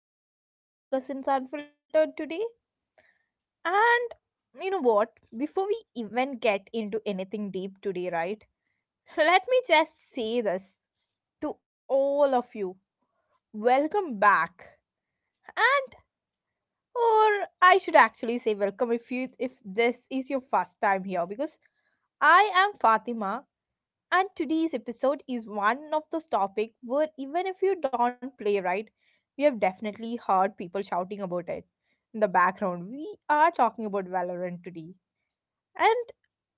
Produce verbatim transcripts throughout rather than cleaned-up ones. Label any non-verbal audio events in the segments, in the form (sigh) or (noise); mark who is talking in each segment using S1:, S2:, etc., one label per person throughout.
S1: another episode of Cousins Unfiltered today. And you know what? Before we even get into anything deep today, right? (laughs) Let me just say this to all of you welcome back. And, or I should actually say welcome if you if this is your first time here because I am Fatima. And today's episode is one of those topics where even if you don't play right, we have definitely heard people shouting about it. In the background, we are talking about Valorant today. And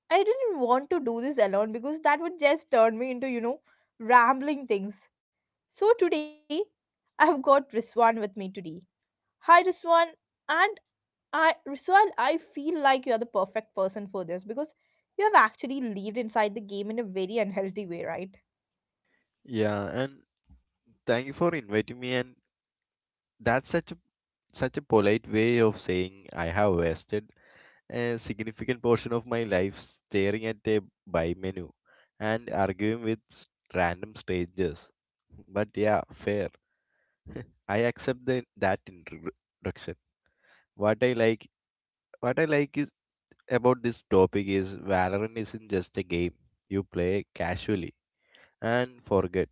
S1: I didn't want to do this alone because that would just turn me into, you know, rambling things. So today, I've got Riswan with me today. Hi Riswan, and I Riswan, I feel like you're the perfect person for this because you have actually lived inside the game in a very unhealthy way, right?
S2: Yeah, and thank you for inviting me. And that's such a such a polite way of saying I have wasted a significant portion of my life staring at a buy menu and arguing with s- random strangers. But yeah, fair. (laughs) I accept the, that introduction. What I like, what I like is about this topic is Valorant isn't just a game you play casually and forget.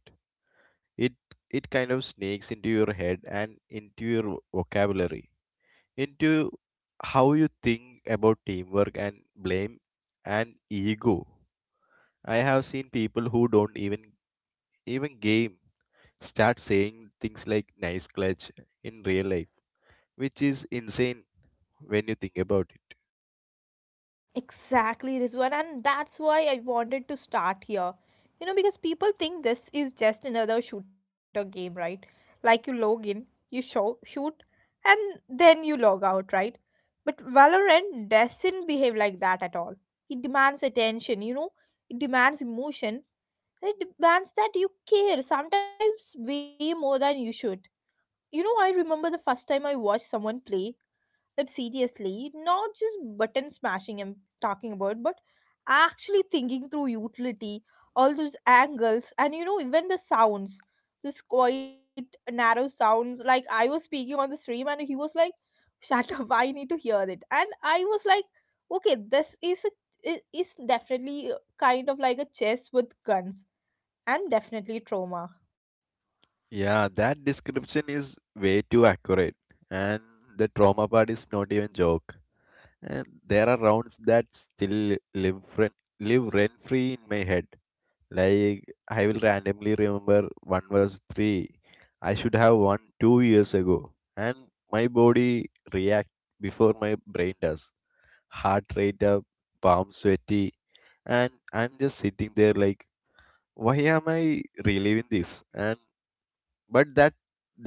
S2: it it kind of sneaks into your head and into your vocabulary into how you think about teamwork and blame and ego. I have seen people who don't even even game start saying things like nice clutch in real life, which is insane when you think about it.
S1: Exactly, Rizwan, and that's why I wanted to start here. You know, because people think this is just another shooter game, right? Like you log in, you show, shoot, and then you log out, right? But Valorant doesn't behave like that at all. It demands attention, you know, it demands emotion, and it demands that you care, sometimes way more than you should. You know, I remember the first time I watched someone play, it seriously, not just button smashing I'm talking about, but actually thinking through utility, all those angles, and you know, even the sounds, this quite narrow sounds. Like I was speaking on the stream, and he was like, "Shut up! I need to hear it." And I was like, "Okay, this is a i- is definitely kind of like a chess with guns, and definitely trauma."
S2: Yeah, that description is way too accurate, and the trauma part is not even joke. And there are rounds that still live rent, live rent free in my head. Like I will randomly remember one was three. I should have won two years ago, and my body react before my brain does. Heart rate up, palm sweaty, and I'm just sitting there like, why am I reliving this? And but that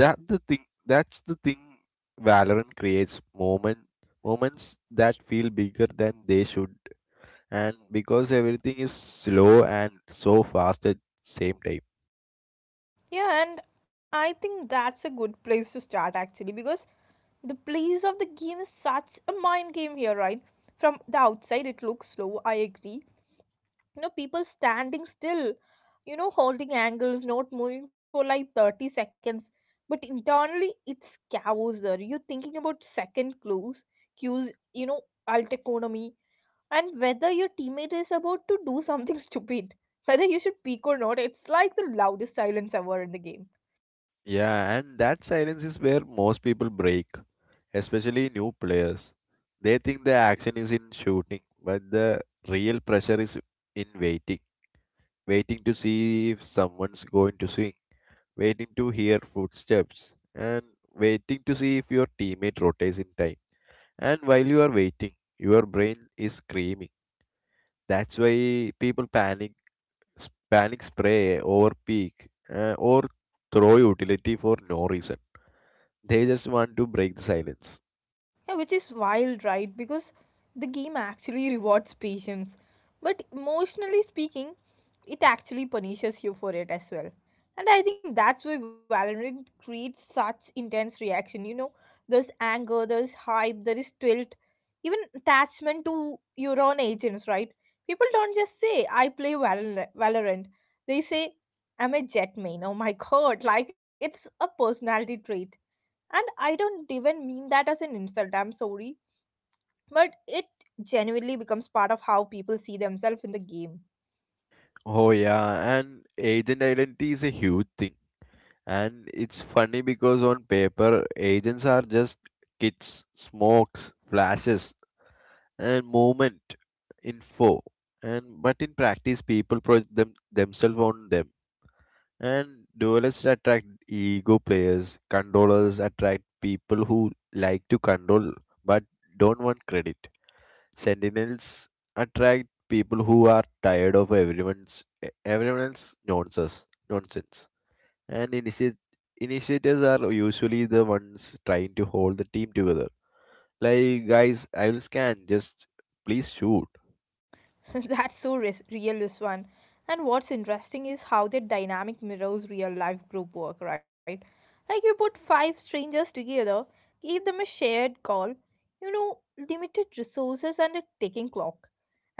S2: that the thing that's the thing, valorant creates moment moments that feel bigger than they should, and because everything is slow and so fast at same time.
S1: Yeah, and I think that's a good place to start actually because the place of the game is such a mind game here, right? From the outside, it looks slow, I agree. You know, people standing still, you know, holding angles, not moving for like thirty seconds. But internally, it's chaos there. You're thinking about second clues, cues, you know, alt economy, and whether your teammate is about to do something (laughs) stupid. Whether you should peek or not, it's like the loudest silence ever in the game.
S2: Yeah, and that silence is where most people break, especially new players. They think the action is in shooting, but the real pressure is in waiting. Waiting to see if someone's going to swing, waiting to hear footsteps, and waiting to see if your teammate rotates in time. And while you are waiting, your brain is screaming. That's why people panic, s- panic spray over peak uh, or throw utility for no reason. They just want to break the silence.
S1: Yeah, which is wild, right? Because the game actually rewards patience. But emotionally speaking, it actually punishes you for it as well. And I think that's why Valorant creates such intense reaction. You know, there's anger, there's hype, there is tilt, even attachment to your own agents, right? People don't just say, I play Valor- Valorant. They say, I'm a jet main. Oh my (laughs) god. Like, it's a personality trait. And I don't even mean that as an insult, I'm sorry. But it genuinely becomes part of how people see themselves in the game.
S2: Oh yeah, and agent identity is a huge thing. And it's funny because on paper, agents are just kits, smokes, flashes, and movement info. And But in practice people project them, themselves on them. And duelists attract ego players, controllers attract people who like to control but don't want credit, sentinels attract people who are tired of everyone's everyone else nonsense nonsense. And initiate initiators are usually the ones trying to hold the team together, like guys I will scan, just please shoot.
S1: (laughs) That's so res- real, this one. And what's interesting is how the dynamic mirrors real life group work, right? Like you put five strangers together, give them a shared goal, you know, limited resources and a ticking clock.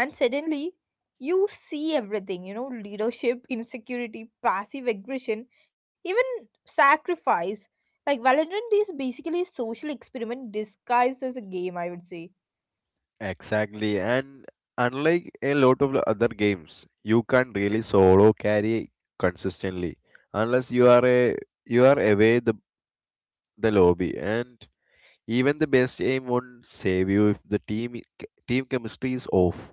S1: And suddenly, you see everything, you know, leadership, insecurity, passive aggression, even sacrifice. Like Valorant is basically a social experiment disguised as a game, I would say.
S2: Exactly, and unlike a lot of the other games, you can't really solo carry consistently unless you are a you are away the the lobby, and even the best aim won't save you if the team I- c- team chemistry is off.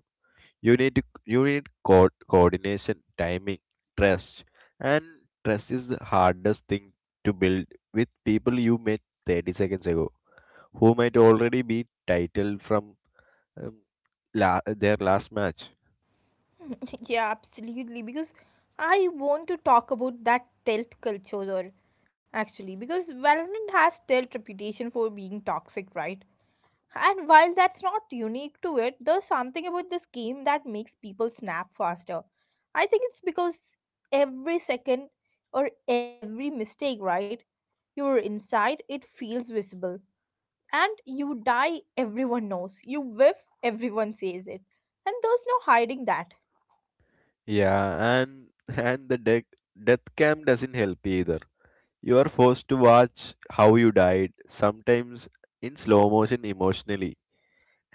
S2: You need to, you need co- coordination, timing, trust, and trust is the hardest thing to build with people you met thirty seconds ago who might already be titled from um, la- their last match.
S1: (laughs) Yeah, absolutely. Because I want to talk about that tilt culture, or- actually, because Valorant has tilt reputation for being toxic, right? And while that's not unique to it, there's something about this game that makes people snap faster. I think it's because every second or every mistake, right? You're inside, it feels visible. And you die, everyone knows. You whiff, everyone says it. And there's no hiding that.
S2: Yeah, and and the death death cam doesn't help either. You are forced to watch how you died, sometimes in slow motion emotionally,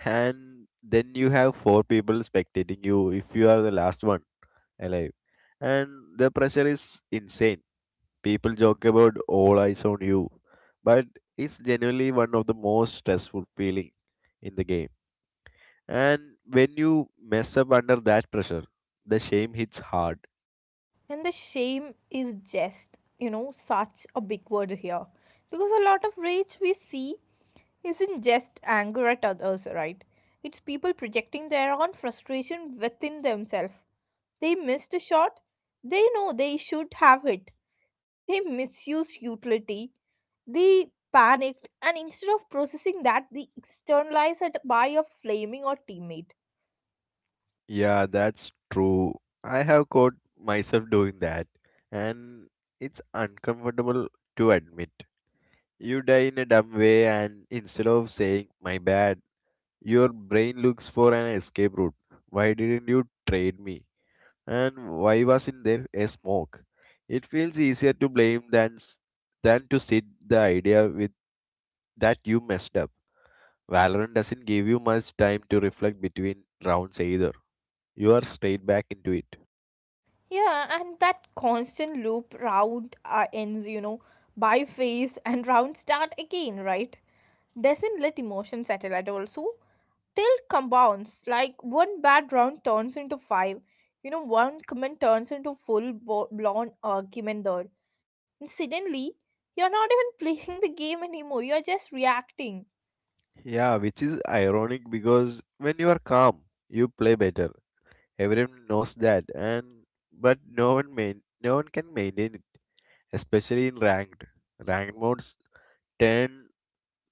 S2: and then you have four people spectating you if you are the last one alive, and the pressure is insane. People joke about all eyes on you, but it's genuinely one of the most stressful feeling in the game. And when you mess up under that pressure, the shame hits hard.
S1: And the shame is just, you know, such a big word here. Because a lot of rage we see isn't just anger at others, right? It's people projecting their own frustration within themselves. They missed a shot. They know they should have it. They misuse utility. They panicked and instead of processing that, they externalize it by a flaming or teammate.
S2: Yeah, that's true. I have caught myself doing that, and it's uncomfortable to admit. You die in a dumb way, and instead of saying, my bad, your brain looks for an escape route. Why didn't you trade me? And why wasn't there a smoke? It feels easier to blame than, s- than to sit the idea with that you messed up. Valorant doesn't give you much time to reflect between rounds either. You are straight back into it.
S1: Yeah, and that constant loop round uh, ends, you know, by phase and round start again, right? Doesn't let emotion settle at all. So, till compounds, like one bad round turns into five, you know, one comment turns into full bo- blown argument there. And suddenly, you're not even (laughs) playing the game anymore, you're just reacting.
S2: Yeah, which is ironic because when you are calm, you play better. Everyone knows that, and but no one main, no one can maintain it, especially in ranked. Ranked modes turn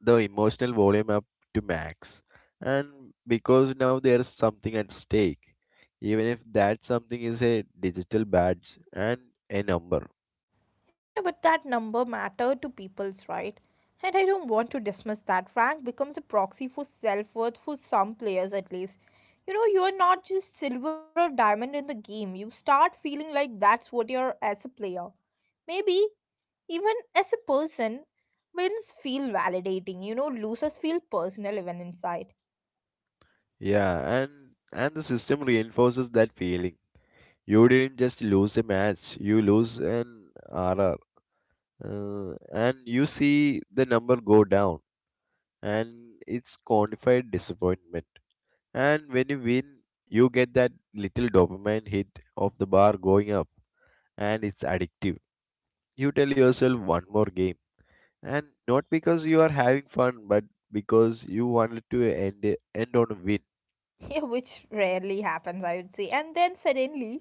S2: the emotional volume up to max, and because now there is something at stake, even if that something is a digital badge and a number.
S1: Yeah, but that number mattered to people's right? And I don't want to dismiss that. Rank becomes a proxy for self worth for some players at least. You know, you're not just silver or diamond in the game. You start feeling like that's what you're as a player. Maybe even as a person, wins feel validating. You know, losers feel personal even inside. (laughs)
S2: Yeah, and and the system reinforces that feeling. You didn't just lose a match, you lose an R R. Uh, and you see the number go down, and it's quantified disappointment. And when you win, you get that little dopamine hit of the bar going up, and it's addictive. You tell yourself one more game, and not because you are having fun, but because you wanted to end it- end on a win.
S1: Yeah, which rarely happens, I would say. And then suddenly,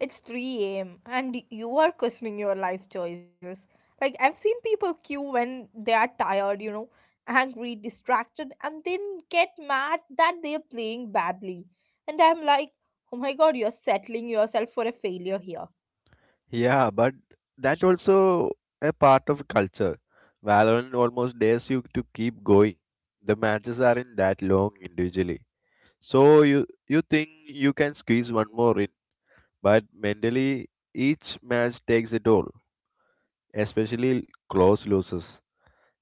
S1: it's three a m and you are questioning your life choices. Like, I've seen people queue when they are tired, you know, angry, distracted, and then get mad that they are playing badly. And I'm like, oh my god, you're settling yourself for a failure here.
S2: Yeah, but that's also a part of culture. Valorant almost dares you to keep going. The matches aren't that long individually. So you you think you can squeeze one more in, but mentally each match takes a toll, especially close losses.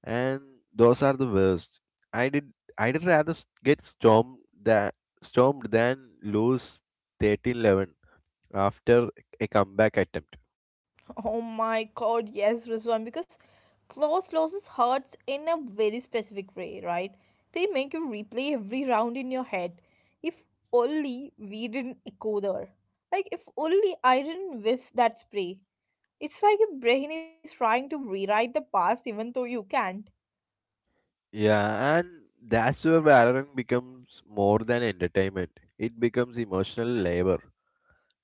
S2: And those are the worst. I did I'd rather s- get stormed than stormed than lose thirteen eleven after a comeback attempt.
S1: Oh my god, yes, Rizwan, because close losses hurts in a very specific way, right? They make you replay every round in your head. If only we didn't echo there. Like, if only I didn't whiff that spray. It's like your brain is trying to rewrite the past even though you can't.
S2: Yeah, and that's where Valorant becomes more than entertainment. It becomes emotional labor.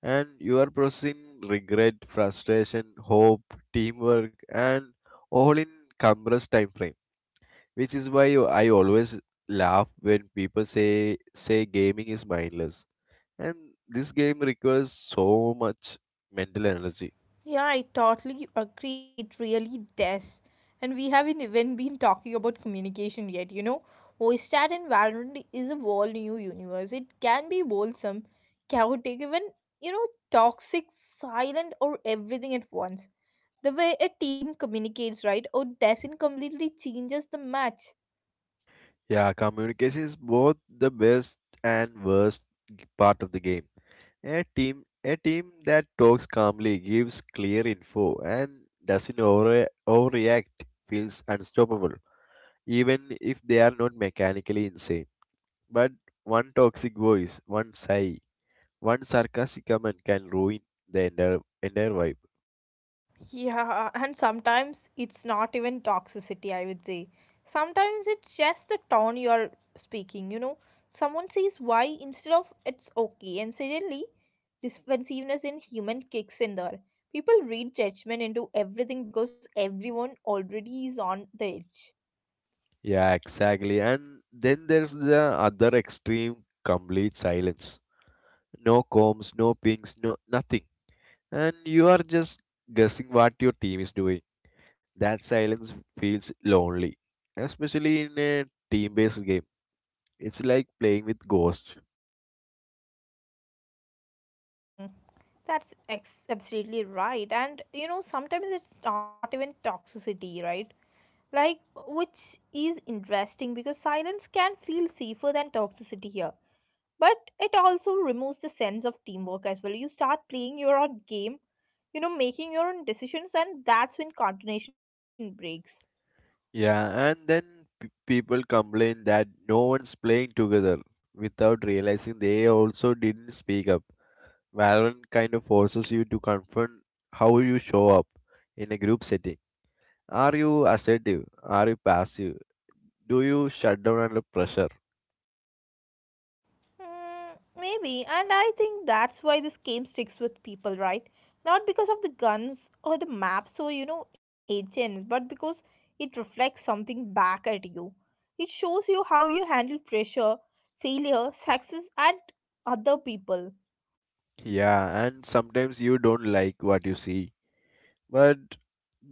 S2: And you are processing regret, frustration, hope, teamwork, and all in compressed time frame. Which is why you- I always laugh when people say say gaming is mindless. And this game requires so much mental energy.
S1: Yeah, I totally agree. It really does. And we haven't even been talking about communication yet, you know. Oistat and environment is a whole new universe. It can be wholesome, chaotic, even, you know, toxic, silent, or everything at once. The way a team communicates, right, or doesn't completely changes the match.
S2: Yeah, communication is both the best and worst part of the game. A team a team that talks calmly, gives clear info, and doesn't overre- overreact feels unstoppable, even if they are not mechanically insane. But one toxic voice, one sigh, one sarcastic comment can ruin the entire entire vibe.
S1: Yeah, and sometimes it's not even toxicity, I would say. Sometimes it's just the tone you are speaking, you know. Someone says why instead of it's okay, and suddenly defensiveness in human kicks in there. People read judgment into everything because everyone already is on the edge.
S2: Yeah, exactly. And then there's the other extreme, complete silence. No comms, no pings, no nothing. And you are just guessing what your team is doing. That silence feels lonely, especially in a team-based game. It's like playing with ghosts.
S1: Mm, that's ex- absolutely right. And you know, sometimes it's not even toxicity, right? Like, which is interesting because silence can feel safer than toxicity here, but it also removes the sense of teamwork as well. You start playing your own game, you know, making your own decisions, and that's when coordination breaks.
S2: Yeah, and then p- people complain that no one's playing together without realizing they also didn't speak up. Valorant kind of forces you to confront how you show up in a group setting. Are you assertive? Are you passive? Do you shut down under pressure?
S1: Mm, maybe, and I think that's why this game sticks with people, right? Not because of the guns or the maps or, you know, agents, but because it reflects something back at you. It shows you how you handle pressure, failure, success, and other people.
S2: Yeah, and sometimes you don't like what you see. But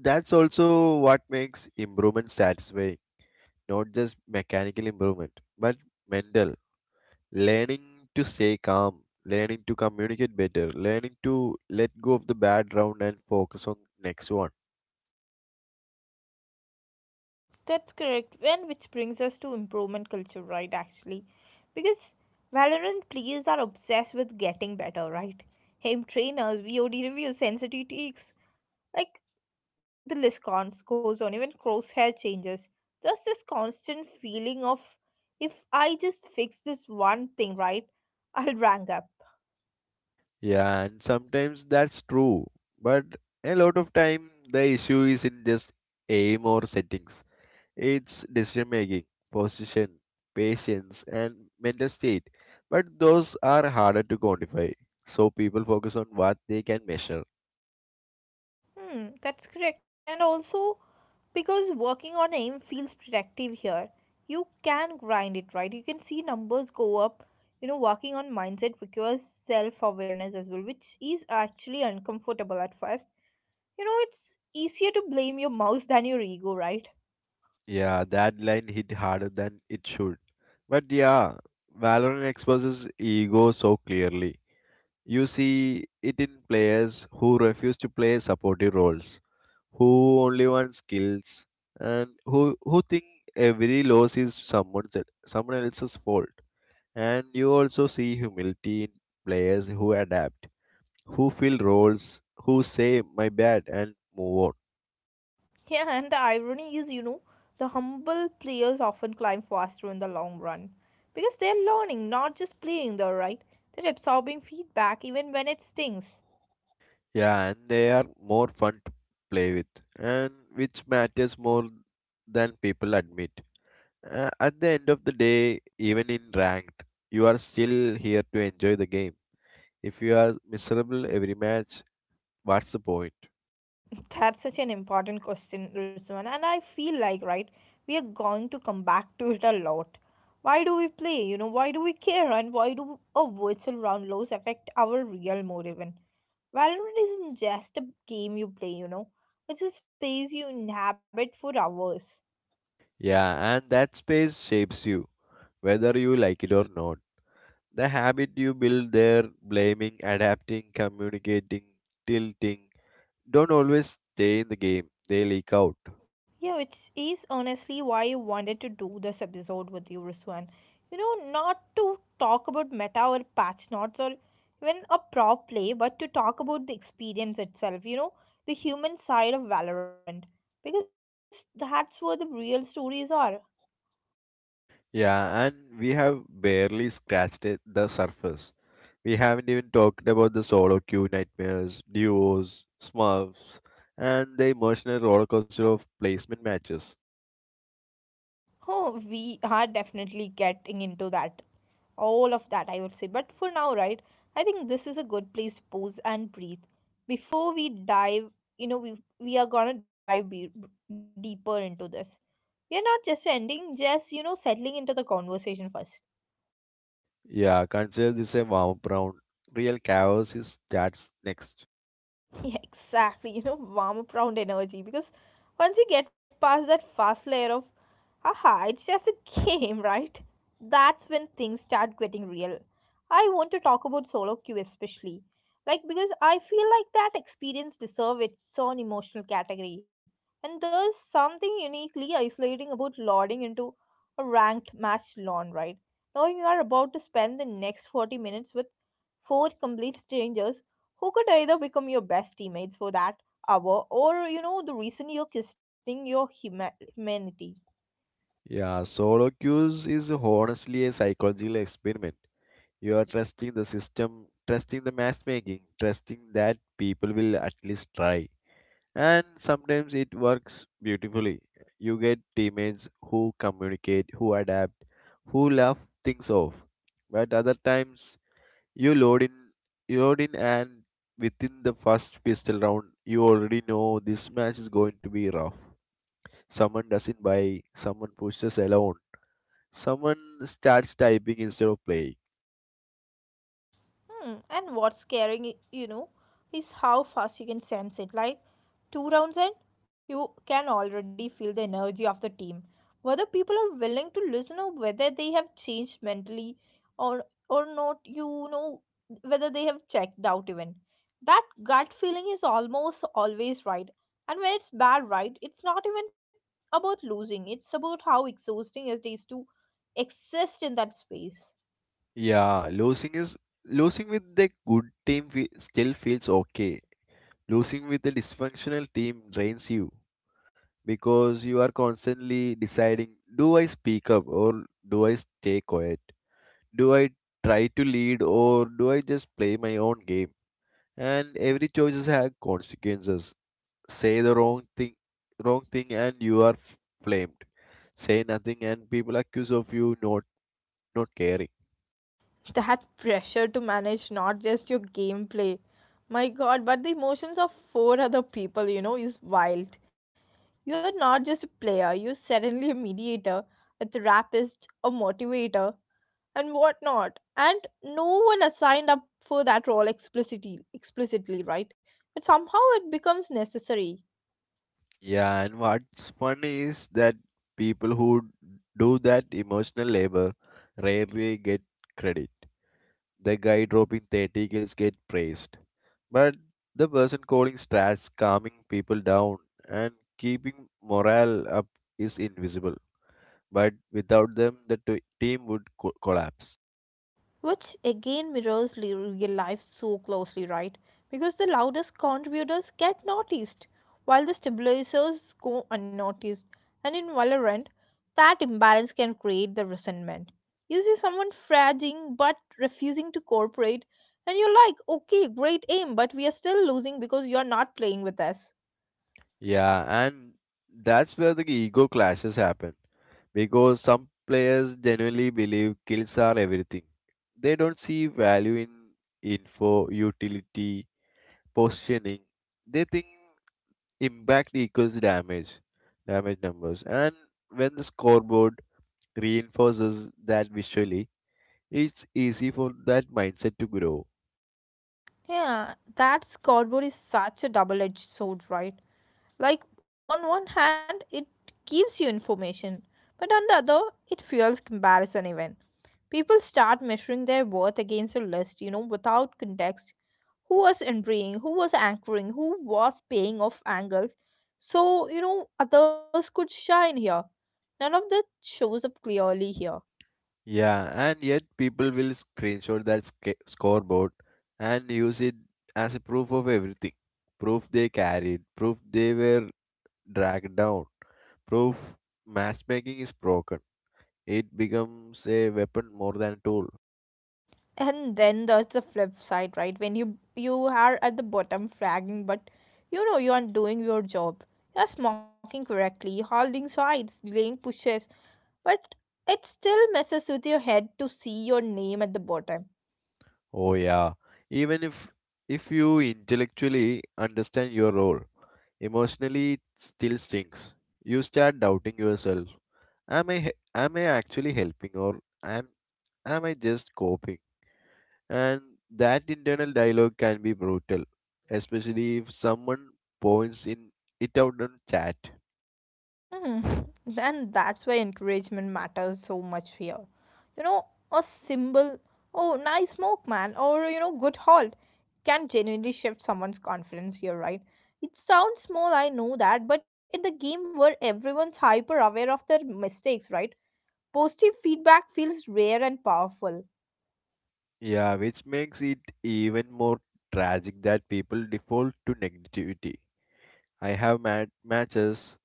S2: that's also what makes improvement satisfying. Not just mechanical improvement, but mental. Learning to stay calm, learning to communicate better, learning to let go of the bad round and focus on next one.
S1: That's correct. And which brings us to improvement culture, right? Actually, because Valorant players are obsessed with getting better, right? Aim trainers, V O D reviews, sensitive takes. Like, the list cons- goes on, even crosshair changes. There's this constant feeling of if I just fix this one thing right, (laughs) I'll rank up.
S2: Yeah, and sometimes that's true. But a lot of time the issue is in just aim or settings. It's decision making, position, patience, and mental state. But those are harder to quantify. So people focus on what they can measure.
S1: Hmm, that's correct. And also, because working on aim feels productive here, you can grind it, right? You can see numbers go up. You know, working on mindset requires self awareness as well, which is actually uncomfortable at first. You know, it's easier to blame your mouse (laughs) than your ego, right?
S2: Yeah, that line hit harder than it should. But yeah, Valorant exposes ego so clearly. You see it in players who refuse to play supportive roles, who only want skills, and who who think every loss is someone someone else's fault. And you also see humility in players who adapt, who fill roles, who say my bad and move on.
S1: Yeah, and the irony is, you know, the humble players often climb faster in the long run because they're learning, not just playing, though, right? They're absorbing feedback even when it stings.
S2: Yeah, and they are more fun to play with, and which matters more than people admit. Uh, at the end of the day, even in ranked, you are still here to enjoy the game. If you are miserable every match, what's the point?
S1: (laughs) That's such an important question, Rusman, and I feel like, right, we are going to come back to it a lot. Why do we play? You know, why do we care? And why do a virtual round loss affect our real mood even? Valorant isn't just a game you play, you know. It's a space you inhabit for hours.
S2: Yeah, and that space shapes you, whether you like it or not. The habit you build there, blaming, adapting, communicating, tilting, don't always stay in the game. They leak out.
S1: Yeah, which is honestly why I wanted to do this episode with you, Ruswan. You know, not to talk about meta or patch notes or even a pro play, but to talk about the experience itself, you know, the human side of Valorant. Because that's where the real stories are.
S2: Yeah, and we have barely scratched it, the surface. We haven't even talked about the solo queue nightmares, duos, smurfs, and the emotional rollercoaster of placement matches.
S1: Oh, we are definitely getting into that. All of that, I would say. But for now, right, I think this is a good place to pause and breathe. Before we dive, you know, we we are gonna dive be- deeper into this. We are not just ending, just, you know, settling into the conversation first.
S2: Yeah, consider this a warm up round. Real chaos is starts next.
S1: (laughs) Yeah, exactly. You know, warm up round energy because once you get past that first layer of, haha, it's just a game, (laughs) right? That's when things start getting real. I want to talk about solo queue especially. Like, because I feel like that experience deserves its own emotional category. And there's something uniquely isolating about loading into a ranked match lawn, right? Knowing you are about to spend the next forty minutes with four complete strangers who could either become your best teammates for that hour, or you know the reason you're questioning your huma- humanity.
S2: Yeah, solo queues is honestly a psychological experiment. You are trusting the system, trusting the matchmaking, trusting that people will at least try. And sometimes it works beautifully. You get teammates who communicate, who adapt, who laugh things off. But other times you load in, you load in, and within the first pistol round, you already know this match is going to be rough. Someone doesn't buy, someone pushes alone, someone starts typing instead of playing.
S1: Hmm. And what's scaring, i- you know, is how fast you can sense it. Like two rounds in, you can already feel the energy of the team. Whether people are willing to listen or whether they have changed mentally or or not, you know, whether they have checked out even. That gut feeling is almost always right. And when it's bad, right, it's not even about losing. It's about how exhausting it is to exist in that space.
S2: Yeah, losing is losing with the good team fe still feels okay. Losing with the dysfunctional team drains you because you are constantly deciding, do I speak up or do I stay quiet? Do I try to lead or do I just play my own game? And every choices have consequences. Say the wrong thing, wrong thing and you are f- flamed. Say nothing and people accuse of you not not caring.
S1: That pressure to manage not just your gameplay, my god, but the emotions of four other people, you know is wild. You're not just a player, you're suddenly a mediator, a therapist, a motivator and whatnot, and no one assigned up for that role explicitly explicitly, right? But somehow it becomes necessary,
S2: Yeah, and what's funny is that people who do that emotional labor rarely get credit. The guy dropping thirty kills get praised, but the person calling strats, calming people down, and keeping morale up is invisible. But without them, the t- team would co- collapse.
S1: which again mirrors li- real life so closely, right? Because the loudest contributors get noticed, while the stabilizers go unnoticed. And in Valorant, that imbalance can create the resentment. You see someone fragging but refusing to cooperate, and you're like, okay, great aim, but we are still losing because you're not playing with us.
S2: Yeah, and that's where the ego clashes happen. Because some players genuinely believe kills are everything. They don't see value in info, utility, positioning. They think impact equals damage, damage numbers. And when the scoreboard reinforces that visually, it's easy for that mindset to grow.
S1: Yeah, that scoreboard is such a double edged sword, right? Like, on one hand, it gives you information, but on the other, it fuels comparison even. People start measuring their worth against a list, you know, without context. Who was entering, who was anchoring, who was paying off angles. So, you know, others could shine here. None of that shows up clearly here.
S2: Yeah, and yet people will screenshot that sca- scoreboard and use it as a proof of everything. Proof they carried, proof they were dragged down, proof matchmaking is broken. It becomes a weapon more than a tool.
S1: And then there's the flip side, right? When you you are at the bottom flagging, but you know you are doing your job, you're smoking correctly, holding sides, delaying pushes, but it still messes with your head to see your name at the bottom.
S2: Oh yeah, even if if you intellectually understand your role, emotionally it still stinks. You start doubting yourself. Am I he- am I actually helping, or am am I just coping? And that internal dialogue can be brutal, especially if someone points in it out on chat.
S1: Hmm. And that's why encouragement matters so much here. You know, a symbol, oh, nice smoke, man, or, you know, good haul can genuinely shift someone's confidence here, right? It sounds small, I know that, but in the game where everyone's hyper aware of their mistakes, right? Positive feedback feels rare and powerful.
S2: Yeah, which makes it even more tragic that people default to negativity. I have mad matches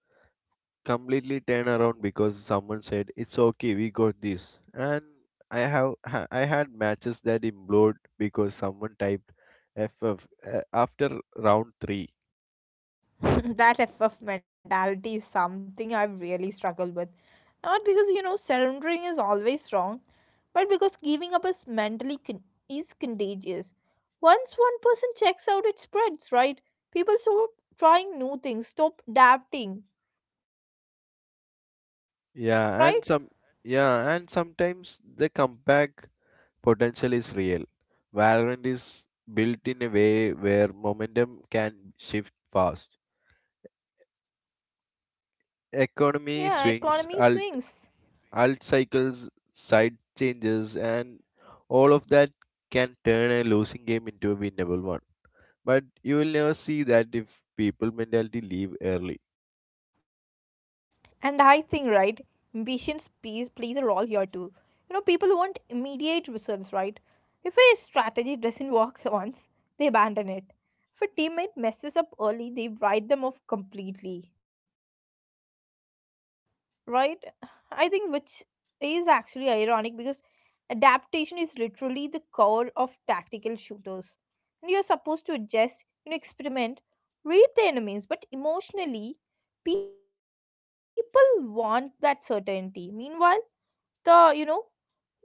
S2: completely turn around because someone said, it's okay, we got this. And I have ha- I had matches that implode because someone typed F F uh, after round three.
S1: (laughs) That F F mentality is something I've really struggled with. Not because, you know, surrendering is always wrong, but because giving up is mentally con- is contagious. Once one person checks out, it spreads, right? People stop trying new things, stop adapting,
S2: Yeah, and
S1: right?
S2: some yeah, and sometimes the comeback potential is real. Valorant is built in a way where momentum can shift fast:
S1: Yeah,
S2: economy
S1: economy
S2: swings,
S1: swings.
S2: alt, alt cycles, side changes, and all of that can turn a losing game into a winnable one. But you will never see that if people mentality leave early.
S1: And I think, right, ambitions plays, plays a role here too. You know, people want immediate results, right? If a strategy doesn't work once, they abandon it. If a teammate messes up early, they write them off completely, right? I think, which is actually ironic because adaptation is literally the core of tactical shooters, and you're supposed to adjust, you know, experiment, read the enemies, but emotionally people want that certainty. Meanwhile, the you know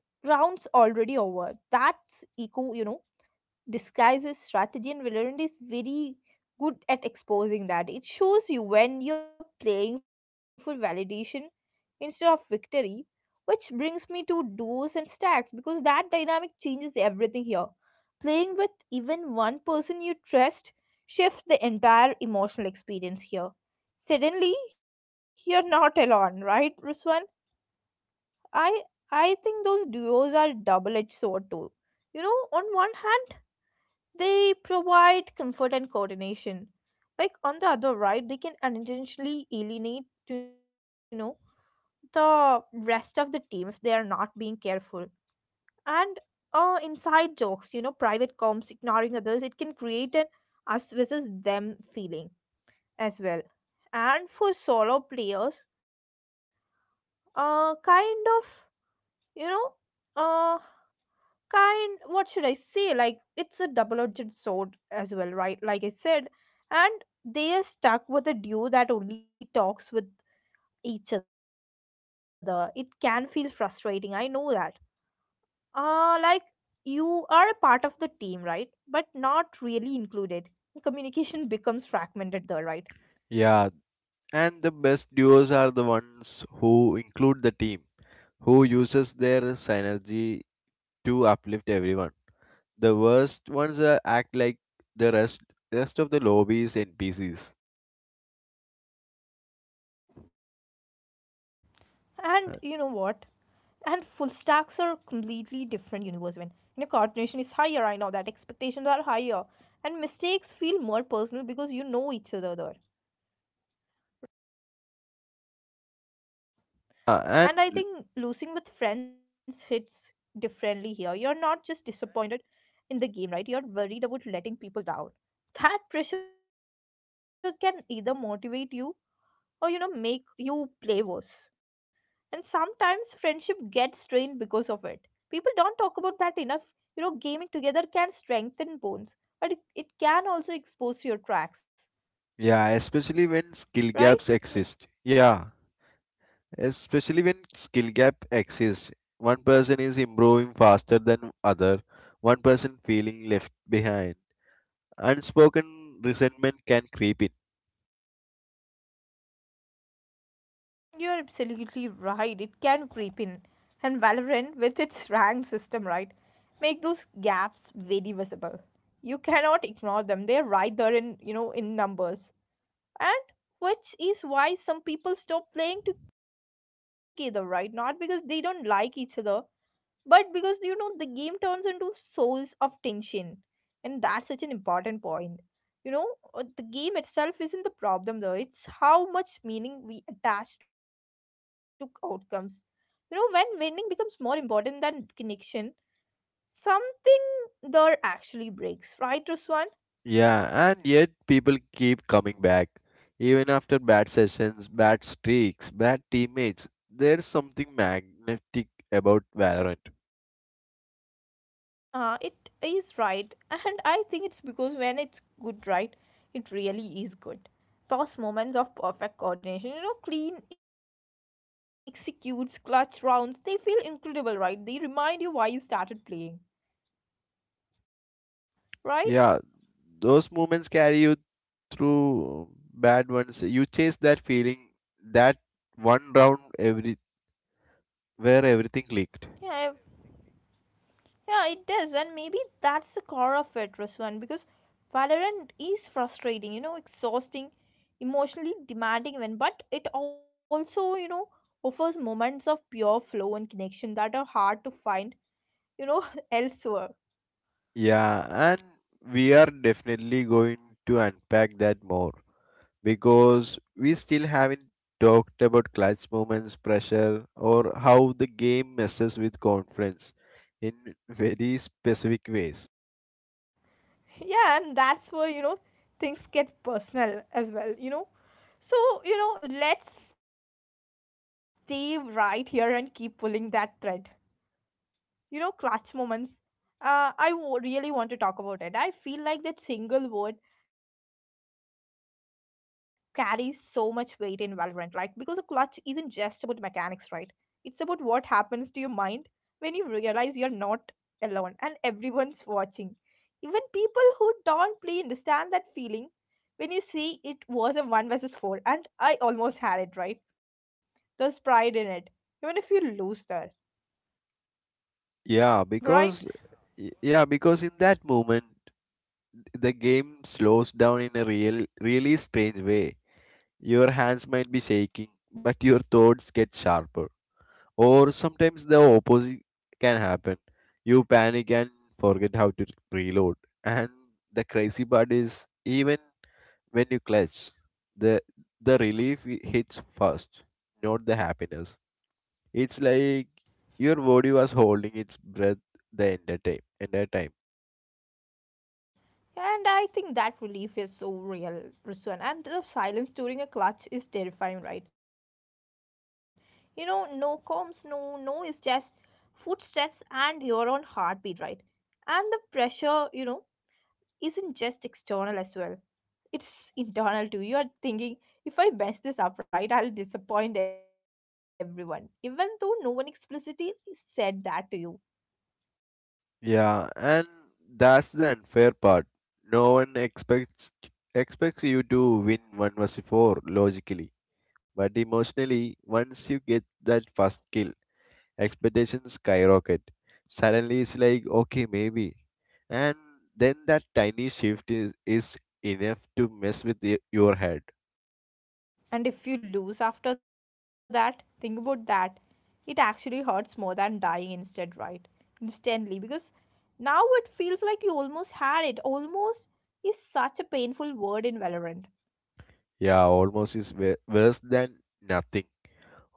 S1: round's already over. That's ego, you know, disguises strategy, and Valorant is very good at exposing that. It shows you when you're playing for validation instead of victory, which brings me to duos and stacks because that dynamic changes everything here. Playing with even one person you trust shifts the entire emotional experience here. Suddenly, you're not alone, right, Ruswan? I I think those duos are double-edged sword too. You know, on one hand, they provide comfort and coordination. Like on the other right, they can unintentionally alienate, you know, the rest of the team if they are not being careful. And uh, inside jokes, you know, private comms, ignoring others, it can create an us versus them feeling as well. And for solo players, uh, kind of, you know, uh, kind what should I say, like it's a double-edged sword as well, right, like I said. And they are stuck with a duo that only talks with each other, it can feel frustrating, I know that. uh like, you are a part of the team, right, but not really included. Communication becomes fragmented there, right?
S2: Yeah, and the best duos are the ones who include the team, who uses their synergy to uplift everyone. The worst ones uh, act like the rest rest of the lobby is N P Cs. Uh,
S1: And you know what? And full stacks are completely different universe when you know coordination is higher. I know that expectations are higher, and mistakes feel more personal because you know each other there.
S2: Yeah,
S1: And I
S2: and
S1: think losing with friends hits differently here. You're not just disappointed in the game, right? You're worried about letting people down. That pressure can either motivate you or you know make you play worse. And sometimes friendship gets strained because of it. People don't talk about that enough. You know, gaming together can strengthen bonds, but it, it can also expose your cracks,
S2: Yeah, especially when skill gaps exist.
S1: right?
S2: Yeah,
S1: Yeah.
S2: especially when skill gap exists. One person is improving faster than other, one person feeling left behind. Unspoken resentment can creep in.
S1: You're absolutely right. It can creep in. And Valorant, with its (laughs) rank system, right, make those gaps very visible. You cannot ignore them. They're right there in, you know, in numbers. And which is why some people stop playing together, right? Not because they don't like each other, but because you know the game turns into source of tension. And that's such an important point, you know. Uh, the game itself isn't the problem though, it's how much meaning we attach to outcomes, you know. When winning becomes more important than connection, something there actually breaks, right, Ruswan?
S2: Yeah, and yet people keep coming back. Even after bad sessions, bad streaks, bad teammates, there's something magnetic about Valorant.
S1: Uh, it is right, and I think it's because when it's good, right, it really is good. Those moments of perfect coordination, you know, clean executes, clutch rounds, they feel incredible, right? They remind you why you started playing,
S2: Yeah,
S1: right?
S2: those moments carry you through bad ones. You chase that feeling, that one round every where everything clicked.
S1: Yeah, yeah, it does, and maybe that's the core of it, Ruswan, because Valorant is frustrating, you know, exhausting, emotionally demanding, when but it also, you know, offers moments of pure flow and connection that are hard to find, you know, (laughs) elsewhere.
S2: Yeah, and we are definitely going to unpack that more, because we still haven't talked about clutch moments, pressure, or how the game messes with confidence in very specific ways.
S1: Yeah, and that's where, you know, things get personal as well, you know. So, you know, let's stay right here and keep pulling that thread. You know, clutch moments. Uh, I w- really want to talk about it. I feel like that single word carries so much weight in Valorant, like because a clutch isn't just about mechanics, right? It's about what happens to your mind when you realize you're not alone and everyone's watching. Even people who don't play understand that feeling when you see it was a one versus four and I almost had it right. There's pride in it, even if you lose there,
S2: Yeah, because
S1: right?
S2: y- yeah, because in that moment the game slows down in a real really strange way. Your hands might be shaking, but your thoughts get sharper. Or sometimes the opposite can happen: you panic and forget how to reload. And the crazy part is, even when you clutch, the the relief i- hits first, not the happiness. It's like your body was holding its breath the entire time entire time
S1: And I think that relief is so real, Rizwan. And the silence during a clutch is terrifying, right? You know, no comms, no, no is just footsteps and your own heartbeat, right? And the pressure, you know, isn't just external as well. It's internal too. You are thinking, if I mess this up right, I'll disappoint everyone, even though no one explicitly said that to you.
S2: Yeah, and that's the unfair part. No one expects expects you to win one versus four logically, but emotionally, once you get that first kill, expectations skyrocket. Suddenly, it's like, okay, maybe, and then that tiny shift is is enough to mess with y- your head.
S1: And if you lose after that, think about that. It actually hurts more than dying instead, right? Instantly, because now it feels like you almost had it. Almost is such a painful word in Valorant.
S2: Yeah, almost is wo- worse than nothing.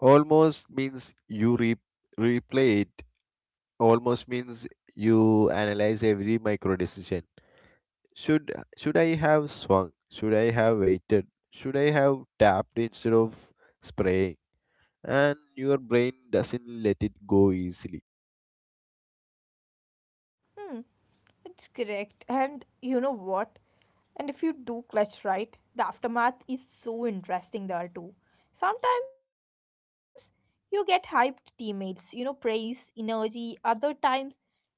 S2: Almost means you re- replay it. Almost means you analyze every micro decision. Should should i have swung? Should I have waited? Should I have tapped instead of spraying? And your brain doesn't let it go easily.
S1: Hmm. It's correct. And you know what? And if you do clutch right, the aftermath is so interesting there too. Sometimes you get hyped teammates, you know, praise, energy. Other times,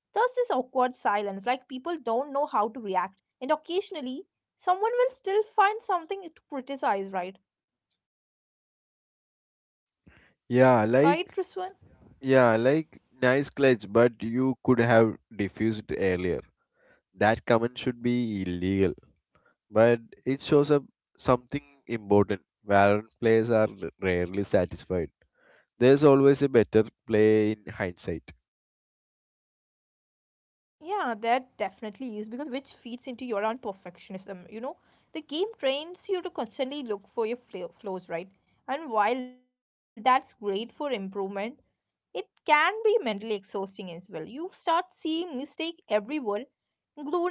S1: there's this awkward silence, like people don't know how to react. And occasionally, someone will still find something to criticize, right?
S2: yeah like
S1: Right, Triswan?
S2: yeah like nice clutch, but you could have diffused earlier. That comment should be illegal, but it shows up something important. Valorant players are rarely satisfied. There's always a better play in hindsight.
S1: Yeah, that definitely is because which feeds into your own perfectionism. You know, the game trains you to constantly look for your fla- flaws, right? And while that's great for improvement, it can be mentally exhausting as well. You start seeing mistake everywhere,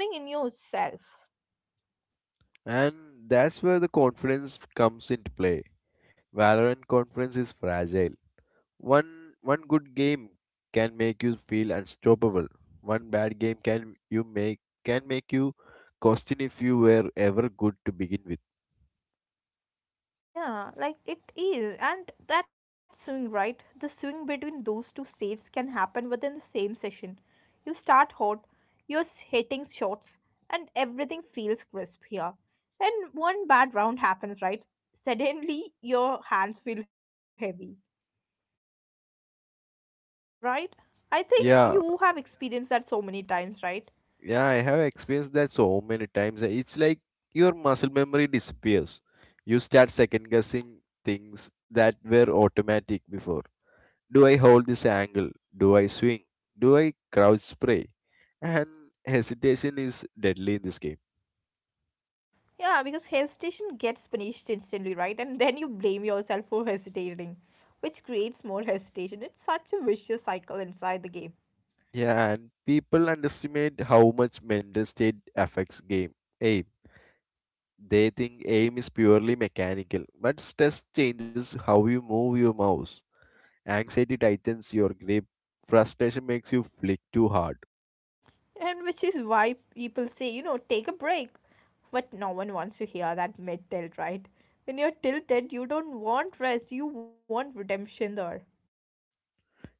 S1: including in yourself.
S2: And that's where the confidence comes into play. Valorant confidence is fragile. One one good game can make you feel unstoppable. One bad game can you make can make you question if you were ever good to begin with.
S1: Yeah, like it is, and that swing, right? The swing between those two states can happen within the same session. You start hot, you're s- hitting shots, and everything feels crisp here. Then one bad round happens, right? Suddenly your hands feel heavy, right? I think
S2: Yeah,
S1: you have experienced that so many times, right?
S2: yeah, I have experienced that so many times. It's like your muscle memory disappears. You start second guessing things that were automatic before. Do I hold this angle? Do I swing? Do I crouch spray? And hesitation is deadly in this game.
S1: Yeah, because hesitation gets punished instantly, right? And then you blame yourself for hesitating, which creates more hesitation. It's such a vicious cycle inside the game.
S2: Yeah, and people underestimate how much mental state affects game aim. They think aim is purely mechanical, but stress changes how you move your mouse. Anxiety tightens your grip. Frustration makes you flick too hard.
S1: And which is why people say, you know, take a break. But no one wants to hear that mid tilt, right? When you're tilted, you don't want rest, you want redemption there.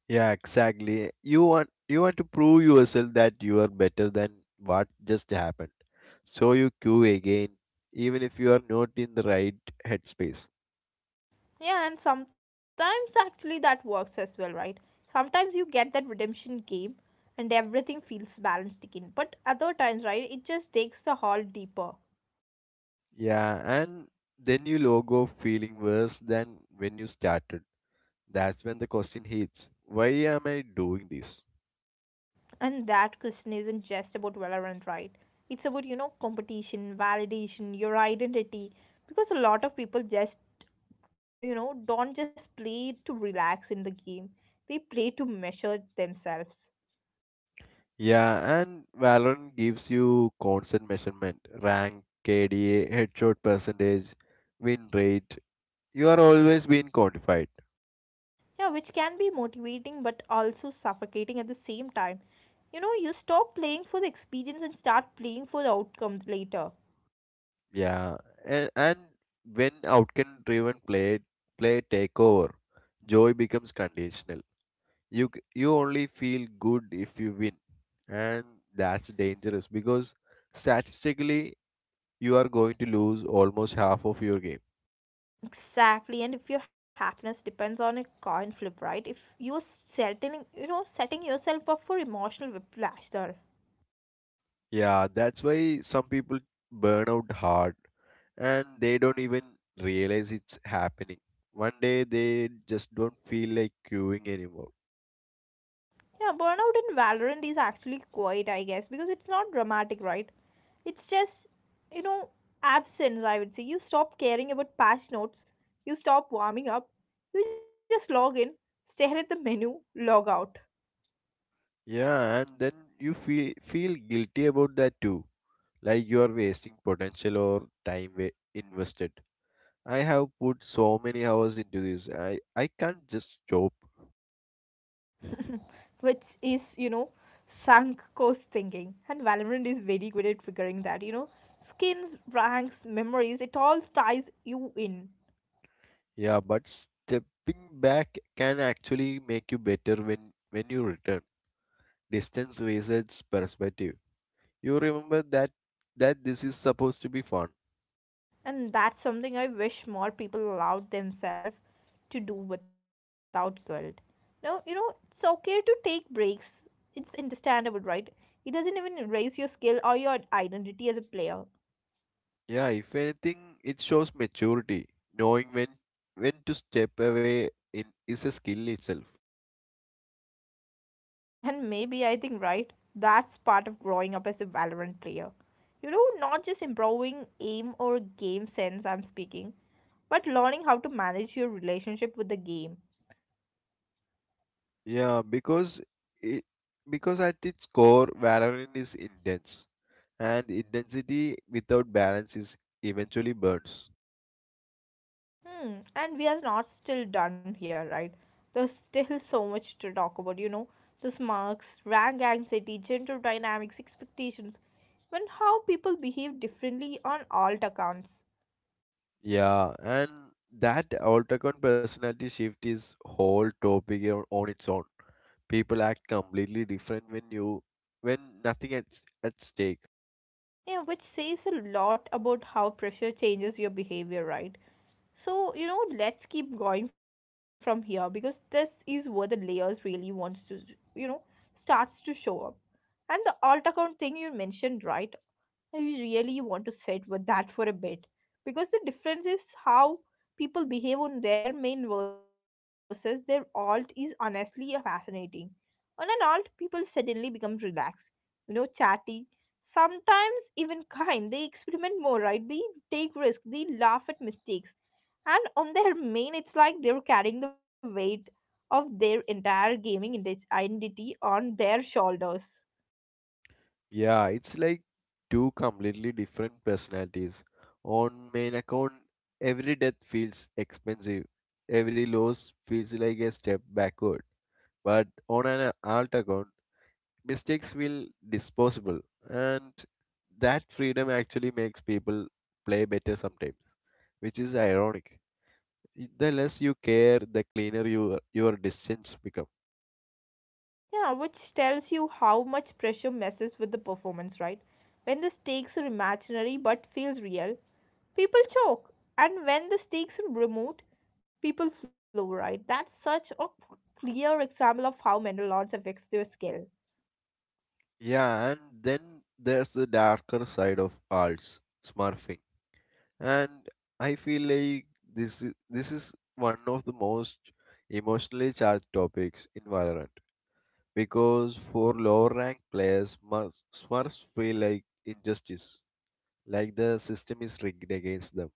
S2: Yeah, exactly. You want you want to prove yourself that you are better than what just happened. So you queue again, even if you are not in the right headspace.
S1: Yeah, and sometimes actually that works as well, right? Sometimes you get that redemption game and everything feels balanced again. But other times, right, it just takes the haul deeper.
S2: Yeah, and then you log off feeling worse than when you started. That's when the question hits. Why am I doing this?
S1: And that question isn't just about Valorant, right? It's about, you know, competition, validation, your identity. Because a lot of people just, you know, don't just play to relax in the game, they play to measure themselves.
S2: Yeah, and Valorant gives you constant measurement: rank, K D A, headshot percentage, win rate. You are always being quantified.
S1: Yeah, which can be motivating but also suffocating at the same time. You know, you stop playing for the experience and start playing for the outcomes later.
S2: Yeah, and and when outcome-driven play play take over, joy becomes conditional. You c- you only feel good if you win, and that's dangerous because statistically you are going to lose almost half of your game.
S1: Exactly, and if your happiness depends on a coin flip, right? If you are setting, you know, setting yourself up for emotional whiplash there.
S2: Yeah, that's why some people burn out hard and they don't even realize it's happening. One day they just don't feel like queuing anymore.
S1: Yeah, burnout in Valorant is actually quiet, I guess, because it's not dramatic, right? It's just, you know, absence, I would say. You stop caring about patch notes, you stop warming up, you just log in, stare at the menu, log out.
S2: Yeah, and then you feel feel guilty about that too, like you are wasting potential or time wa- invested. I have put so many hours into this. I i can't just stop.
S1: (laughs) Which is, you know, sunk cost thinking. And Valorant is very good at figuring that, you know. Skins, ranks, memories, it all ties you in.
S2: Yeah, but stepping back can actually make you better when when you return. Distance resets perspective. You remember that that this is supposed to be fun.
S1: And that's something I wish more people allowed themselves to do without guilt. Now, you know, it's okay to take breaks. It's understandable, right? It doesn't even erase your skill or your identity as a player.
S2: Yeah, if anything, it shows maturity. Knowing when when to step away in is a skill itself.
S1: And maybe I think, right, that's part of growing up as a Valorant player. You know, not just improving aim or game sense, I'm speaking, but learning how to manage your relationship with the game.
S2: Yeah, because it, because at its core, Valorant is intense, and intensity without balance is eventually burns.
S1: Hmm. And we are not still done here, right? There's still so much to talk about, you know. This marks, rank anxiety, gender dynamics, expectations, and how people behave differently on alt accounts.
S2: Yeah, and that Altercon personality shift is whole topic o- on its own. People act completely different when you when nothing at at stake.
S1: Yeah, which says a lot about how pressure changes your behavior, right? So, you know, let's keep going from here because this is where the layers really wants to, you know, starts to show up. And the alt account thing you mentioned, right? I really want to sit with that for a bit because the difference is how people behave on their main versus their alt is honestly fascinating. On an alt, people suddenly become relaxed, you know, chatty, sometimes even (laughs) kind. They experiment more, right? They take risks, they laugh at mistakes. And on their main, it's like they're carrying the weight of their entire gaming ident- identity on their shoulders.
S2: Yeah, it's like two completely different personalities. On main account, every death feels expensive. Every loss feels like a step backward. But on an alt account, mistakes feel disposable. And that freedom actually makes people play better sometimes, which is ironic. The less you care, the cleaner your your distance become.
S1: Yeah, which tells you how much pressure messes with the performance, right? When the stakes are imaginary but feels real, people choke. And when the stakes are remote, people flow, right? That's such a p- clear example of how mental odds affects your skill.
S2: Yeah, and then there's the darker side of alts, smurfing. And I feel like this i- this is one of the most emotionally charged topics in Valorant, because for lower rank players must smurfs feel like injustice, like the system is rigged against them.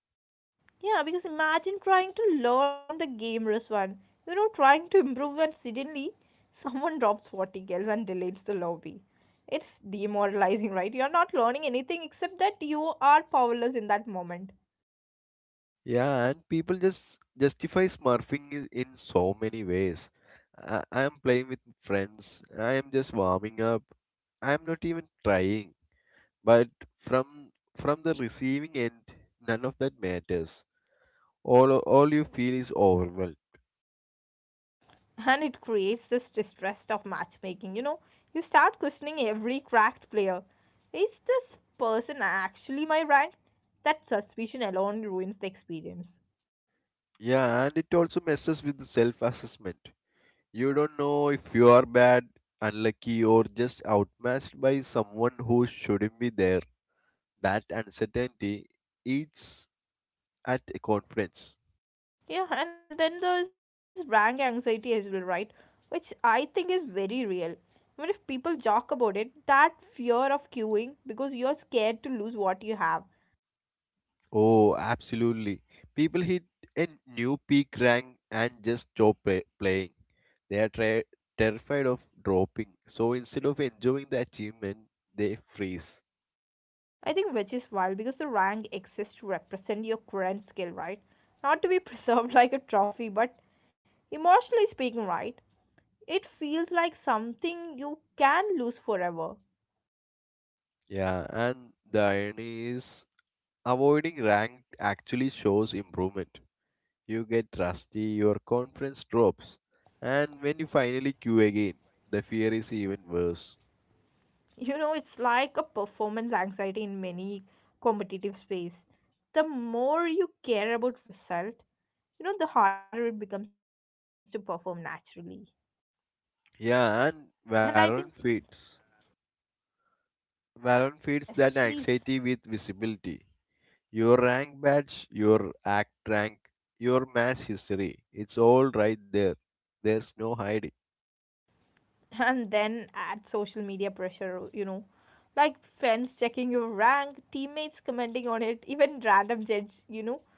S1: Yeah, because imagine trying to learn the game, Rizwan. You know, trying to improve and suddenly someone (laughs) drops forty kills and deletes the lobby. It's demoralizing, right? You're not learning anything except that you are powerless in that moment.
S2: Yeah, and people just justify smurfing i- in so many ways. I, I am playing with friends. I am just warming up. I am not even trying. But from from the receiving end, none of that matters. All all you feel is overwhelmed.
S1: And it creates this distrust of matchmaking. You know, you start questioning every cracked player. Is this person actually my rank? That suspicion alone ruins the experience.
S2: Yeah, and it also messes with the self assessment. You don't know if you are bad, unlucky, or just outmatched by someone who shouldn't be there. That uncertainty eats at a conference.
S1: Yeah, and then there's rank anxiety as well, right? Which I think is very real. Even if people joke about it, that fear of queuing because you're scared to lose what you have.
S2: Oh, absolutely. People hit a new peak rank and just stop pa- playing. They are tra- terrified of dropping. So instead of enjoying the achievement, they freeze.
S1: I think which is wild because the rank exists to represent your current skill, right? Not to be (laughs) preserved like a trophy, but emotionally speaking, right? It feels like something you can lose forever.
S2: Yeah, and the irony is, avoiding rank actually shows improvement. You get rusty, your confidence drops, and when you finally queue again, the fear is even worse.
S1: You know, it's like a performance anxiety in many competitive space. The more you care about result, you know, the harder it becomes to perform naturally. And I
S2: Yeah,
S1: think,
S2: and Valorant feeds.
S1: yes,
S2: Valorant
S1: please.
S2: feeds that anxiety with visibility. Your rank badge, your act rank, your match history. It's all right there. There's no hiding.
S1: And then add social media pressure, you know like friends checking your rank, teammates commenting on it, even random judge, you know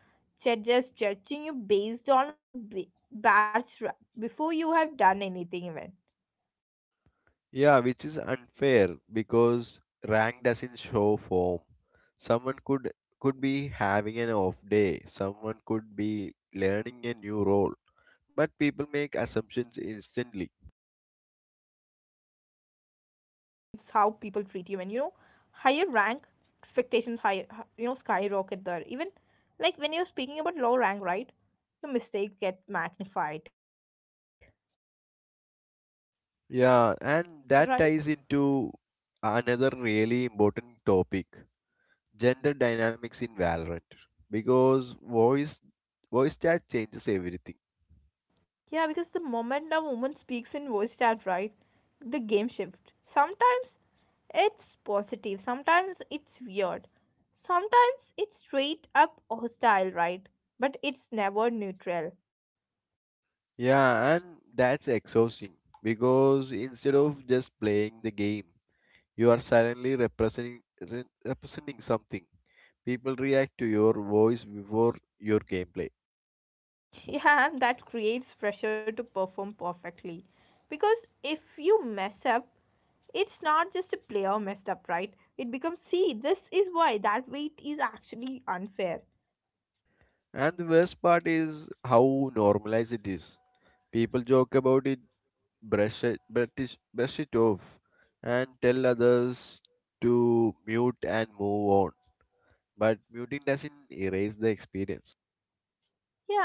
S1: judges judging you based on b- batch ra- before you have done anything even.
S2: Yeah, which is unfair because rank doesn't show form. Someone could could be having an off day, someone could be learning a new role, but people make assumptions instantly.
S1: And those assumptions shapes how people treat you, and you know higher rank expectations higher, you know skyrocket there even, like when you're speaking about low rank, right? The mistake get magnified,
S2: Yeah,
S1: right?
S2: and that ties into another really important topic: gender dynamics in Valorant, because voice voice chat changes everything.
S1: Yeah, because the moment a woman speaks in voice chat, right, the game shift. Sometimes it's positive, sometimes it's weird, sometimes it's straight up hostile, right? But it's never neutral.
S2: Yeah, and that's exhausting, because instead of just playing the game, you are silently representing, re- representing something. People react to your voice before your gameplay.
S1: (laughs) Yeah, and that creates pressure to perform perfectly. Because if you mess up, it's not just a player messed up, right? It becomes, see, this is why that weight is actually unfair.
S2: And the worst part is how normalized it is. People joke about it, brush it, brush brush it off, and tell others to mute and move on. But muting doesn't erase the experience.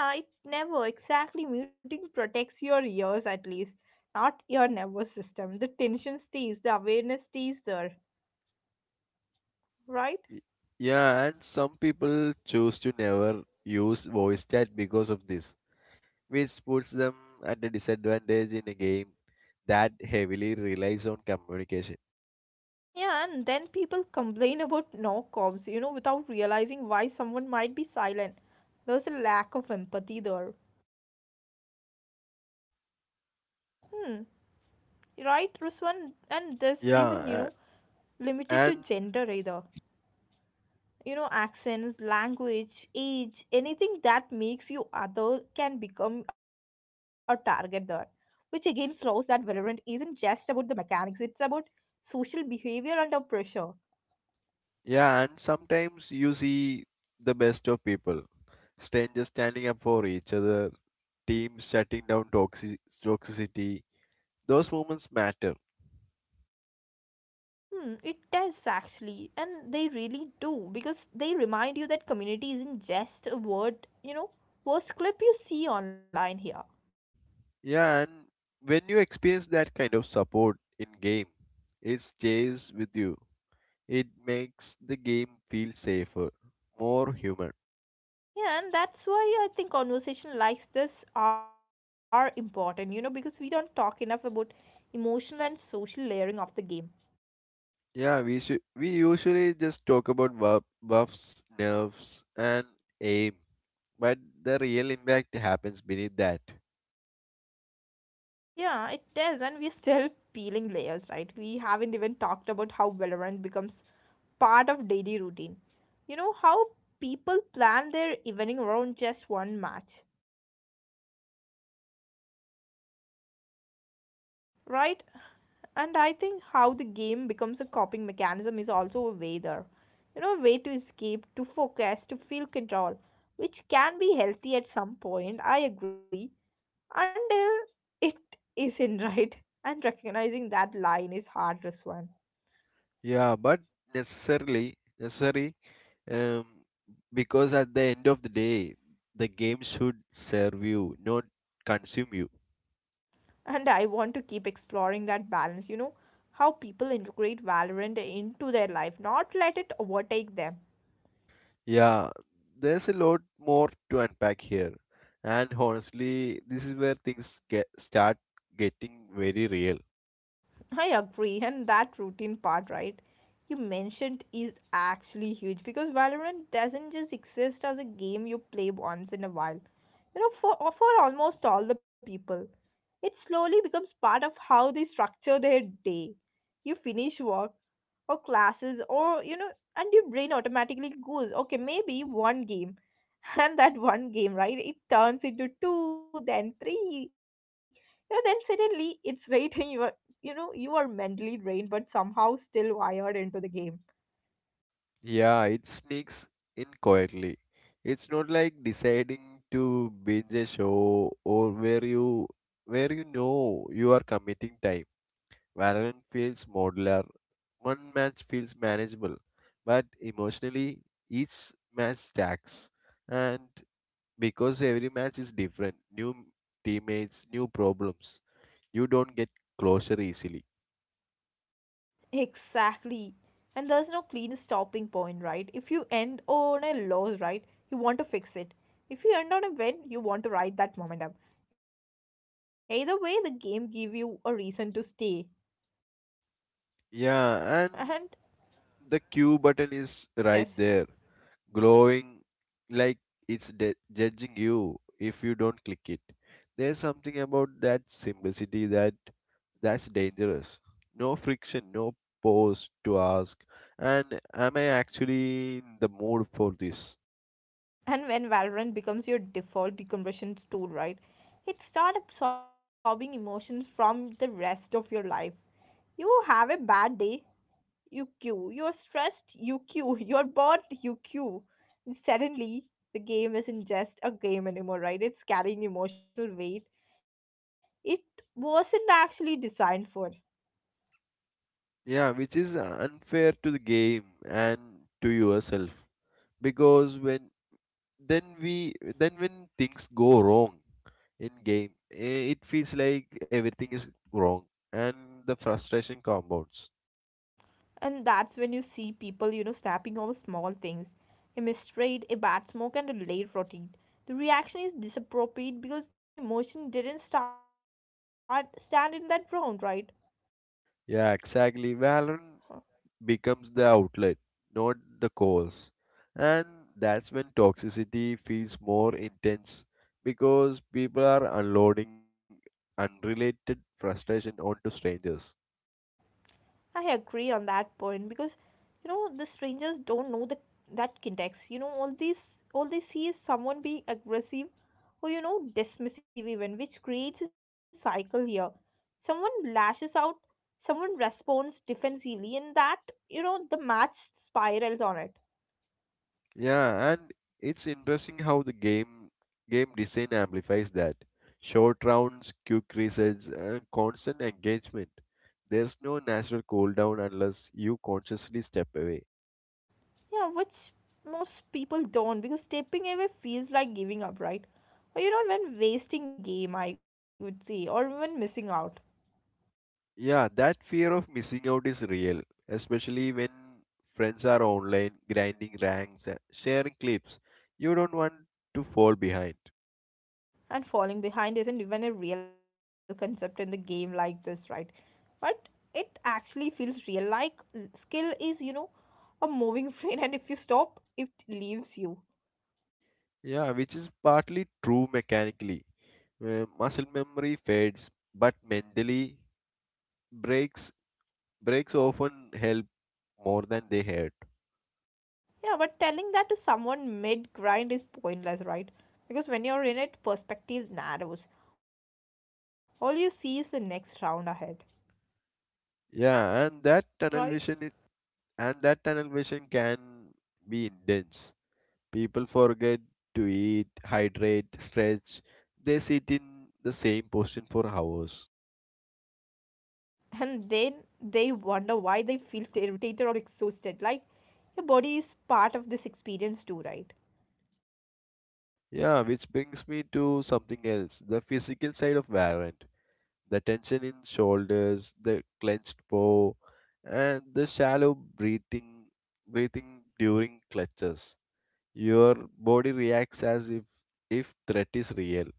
S1: Yeah, it never exactly. Muting protects your ears at least, not your nervous system. The tension stays, the awareness stays there, right?
S2: Y- Yeah, and some people choose to never use voice chat because of this, which puts them at a disadvantage in a game that heavily relies on communication.
S1: Yeah, and then people complain about no comms, you know, without realizing why someone might be silent. There's a lack of empathy there. Hmm, right, Ruswan? And this isn't, you
S2: Yeah, a-
S1: know, limited to
S2: and
S1: gender either. You know accents, language, age, anything that makes you other can become a target there, which again slows that Valorant isn't just about the mechanics, it's about social behavior under pressure.
S2: yeah, and sometimes you see the best of people: strangers standing up for each other, teams shutting down toxic toxicity. Those moments matter.
S1: Hmm it does actually, and they really do because they remind you that community isn't just a word, you know post clip you see online here.
S2: Yeah, and when you experience that kind of support in game, it stays with you. It makes the game feel safer, more human.
S1: Yeah, and that's why I think conversation like this are important, you know, because we don't talk enough about emotional and social layering of the game.
S2: Yeah, we should we usually just talk about buff, buffs, nerfs, and aim, but the real impact happens beneath that.
S1: Yeah, it does, and we're still peeling layers, right? We haven't even talked about how Valorant becomes part of daily routine. You know, how people plan their evening around just one match. Right? And I think how the game becomes a coping mechanism is also a way there. You know, a way to escape, to focus, to feel control, which can be healthy at some point, I agree, until it isn't (laughs) right. And recognizing that line is hardest one.
S2: Yeah, but necessarily necessary um, because at the end of the day, the game should serve you, not consume you.
S1: And I want to keep exploring that balance, you know, how people integrate Valorant into their life, not let it overtake them.
S2: Yeah, there's a lot more to unpack here, and honestly, this is where things get start getting very real.
S1: I agree, and that routine part, right? You mentioned is actually huge because Valorant doesn't just exist as a game you play once in a while. You know, for uh, for almost all the people, it slowly becomes part of how they structure their day. You finish work or classes, or you know, and your brain automatically goes, okay, maybe one game, (laughs) and that one game, right? It turns into two, then three, you know, then suddenly it's (laughs) rating you. You know You are mentally drained but somehow still wired into the game.
S2: Yeah, it sneaks in quietly. It's not like deciding to binge a show, or where you where you know you are committing time. Valorant feels modular. One match feels manageable, but emotionally each match stacks. And because every match is different, new teammates, new problems, you don't get closure easily.
S1: Exactly, and there's no clean stopping point, right? If you end on a loss, right, you want to fix it. If you end on a win, you want to ride that momentum. Either way, the game give you a reason to stay. And
S2: Yeah, and the Q
S1: yes.
S2: button is right there, glowing like it's de- judging you if you don't click it. There's something about that simplicity that that's dangerous. No friction, no pause to ask, and am I actually in the mood for this?
S1: And when Valorant becomes your default decompression tool, right, it start absorbing emotions from the rest of your life. You have a bad day. You queue. You're stressed. You queue. (laughs) You're bored. You queue. And suddenly, the game isn't just a game anymore, right? It's carrying emotional weight. It wasn't actually designed for.
S2: Yeah, which is unfair to the game and to yourself, because when then we then when things go wrong in game, eh, it feels like everything is wrong, and the frustration compounds.
S1: And that's when you see people, you know, snapping over small things. A mistrade, a bad smoke, and a late routine. The reaction is disappropriate because the emotion didn't start stand in that round, right?
S2: Yeah,
S1: Huh.
S2: exactly. Valorant becomes the outlet, not the cause. And that's when toxicity feels more intense, because people are unloading unrelated frustration onto strangers.
S1: I agree on that point because you know the strangers don't know that that context. You know all these all they see is someone being aggressive or you know dismissive even, which creates a cycle here. Someone lashes out, someone responds defensively, and that you know the match spirals on it.
S2: Yeah, and it's interesting how the game game design amplifies that. Short rounds, quick resets, and constant engagement. There's no natural cooldown unless you consciously step away.
S1: Yeah, which most people don't because stepping away feels like giving up, right? Or you know even wasting game, I would say, or even missing out.
S2: Yeah, that fear of missing out is real, especially when friends are online, grinding ranks, uh, sharing clips. You don't want to fall behind.
S1: And falling behind isn't even a real concept in the game like this, right? But it actually feels real, like skill is, you know a moving (laughs) train, and if you stop, it leaves you.
S2: Yeah, which is partly true mechanically. Uh, muscle memory fades, but mentally breaks breaks often help more than they hurt.
S1: Yeah, but telling that to someone mid grind is pointless, right? Because when you're in it, perspective narrows. All you see is the next round ahead. Right?
S2: Yeah, and that tunnel vision is, and that tunnel vision can be intense. People forget to eat, hydrate, stretch. They sit in the same position for hours.
S1: And then they wonder why they feel irritated or exhausted, like your body is part of this experience too, right?
S2: Yeah, which brings me to something else: the physical side of Valorant. The tension in shoulders, the clenched paw, and the shallow breathing, breathing during clutches. Your body reacts as if, if threat is real.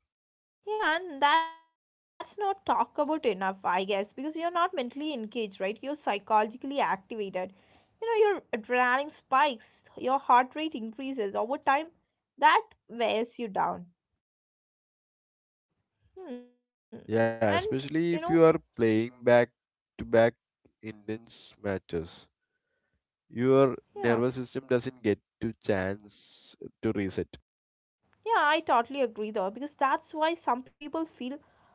S1: Yeah, and that's not talk about enough, I guess, because you're not mentally engaged, right? You're psychologically activated. You know, your adrenaline spikes, your heart rate increases over time. That wears you down. Hmm. And you
S2: Yeah,
S1: know,
S2: especially if you are playing back to back intense matches. Your
S1: yeah,
S2: nervous system doesn't get to chance to reset.
S1: yeah, I totally agree though, because that's why some people feel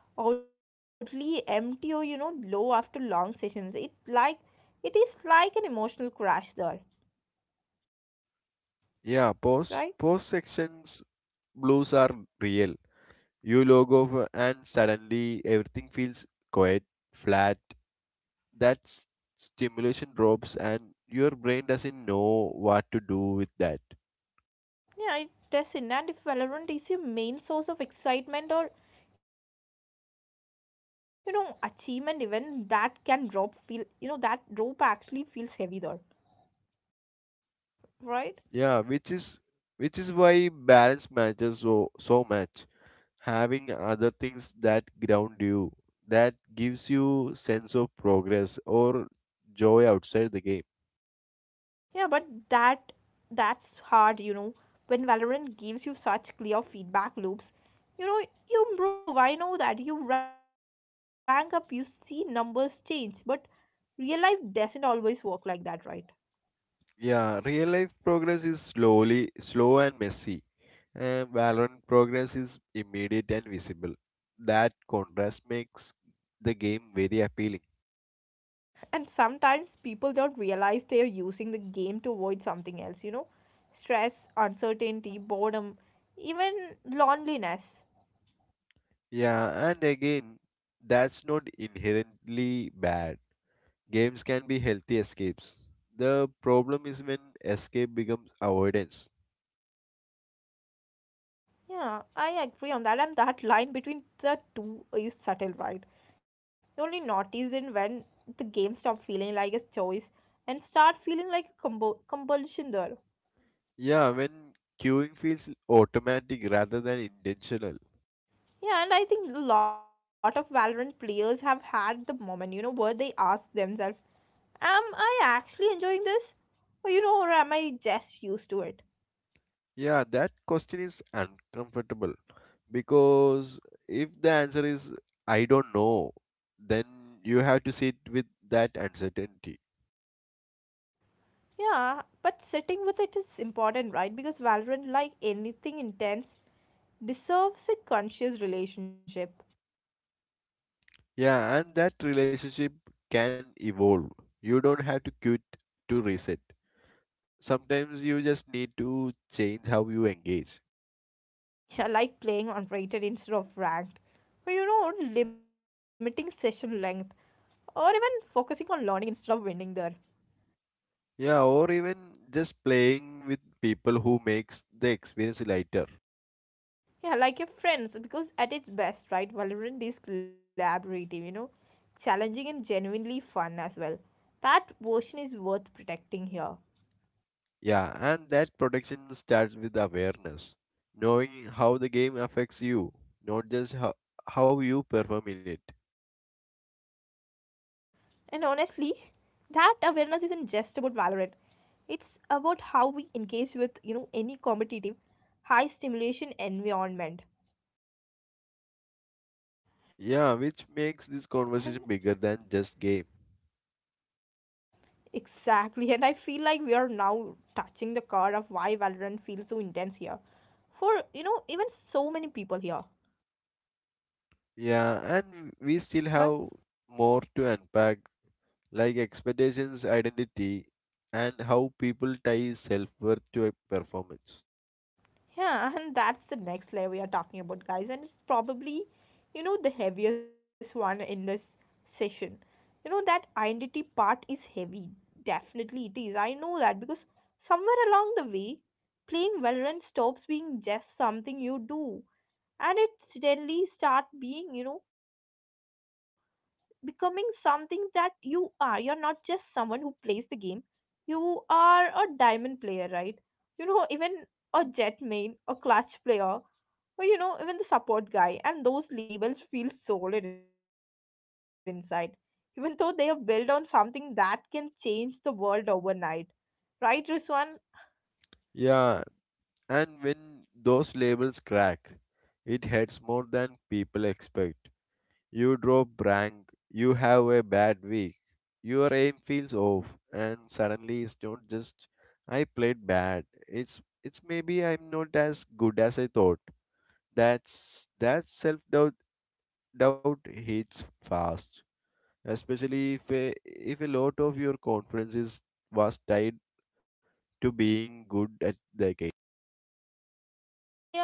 S1: oddly empty or you know low after long sessions. It like it is like an emotional crash there,
S2: Yeah,
S1: right?
S2: post post sections blues are real. You log off and suddenly everything feels quiet, flat. That s- stimulation drops and your brain doesn't know what to do with that.
S1: Yeah, it does in and if Valorant is your main source of excitement or you know achievement even that can drop feel, you know that drop actually feels heavy there, right?
S2: Yeah, which is which is why balance matters so so much, having other things that ground you, that gives you sense of progress or joy outside the game.
S1: Yeah, but that that's hard, you know when Valorant gives you such clear feedback loops, you know you improve I know that you rank up you see numbers change but real life doesn't always work like that, right?
S2: Yeah, real life progress is slowly slow and messy, and Valorant progress is immediate and visible. That contrast makes the game very appealing.
S1: And sometimes people don't realize they are using the game to avoid something else, you know stress, uncertainty, boredom, even loneliness.
S2: Yeah, and again, that's not inherently bad. Games can be healthy escapes. The problem is when escape becomes avoidance.
S1: Yeah, I agree on that, and that line between the two is subtle, right? You only notice it when the game stop feeling like a choice and start feeling like a combo- compulsion there.
S2: Yeah, when queuing feels automatic rather than intentional.
S1: Yeah, and I think a lot of Valorant players have had the moment, you know, where they ask themselves, am I actually enjoying this? Or, you know, or am I just used to it?
S2: Yeah, that question is uncomfortable, because if the answer is I don't know, then you have to sit with that uncertainty.
S1: Yeah, but sitting with it is important, right? Because Valorant, like anything intense, deserves a conscious relationship. (laughs)
S2: Yeah, and that relationship can evolve. You don't have to quit to reset. Sometimes you just need to change how you engage.
S1: Yeah, like playing on rated instead of ranked, or, you know, limiting session length, or even focusing on learning instead of winning there.
S2: Yeah, or even just playing with people who makes the experience lighter.
S1: Yeah, like your friends, because at its best, right, Valorant is collaborative, you know, challenging and genuinely fun as well. That version is worth protecting here.
S2: Yeah, and that protection starts with awareness, knowing how the game affects you, not just how, how you perform in it.
S1: And honestly, that awareness isn't just about Valorant. It's about how we engage with, you know, any competitive, high stimulation environment.
S2: Yeah,
S1: And
S2: which makes this conversation bigger than just game.
S1: exactly, and I feel like we are now touching the core of why Valorant feels so intense here. For you know, even so many people here,
S2: Yeah,
S1: right?
S2: and we still have more to unpack, like expectations, identity, and how people tie self-worth to a performance.
S1: Yeah, (laughs) and that's the next layer we are talking about, guys, and it's probably you know the heaviest one in this session. You know, that identity part is heavy, definitely it is. I know that because somewhere along the way, playing Valorant stops being just something you do and it suddenly start being you know becoming something that you are. You're not just someone who plays the game. You are a diamond player, right? You know, even a jet main, a clutch player, or you know, even the support guy. And those labels feel solid inside, even though they are built on something that can change the world overnight, right, Ruswan?
S2: Yeah, and when those labels crack, it hurts more than people expect. You drop rank, you have a bad week, your aim feels off, and suddenly it's not just I played bad. It's it's maybe I'm not as good as I thought. That's that self doubt doubt hits fast, especially if a, if a lot of your confidence is was tied to being good at the game.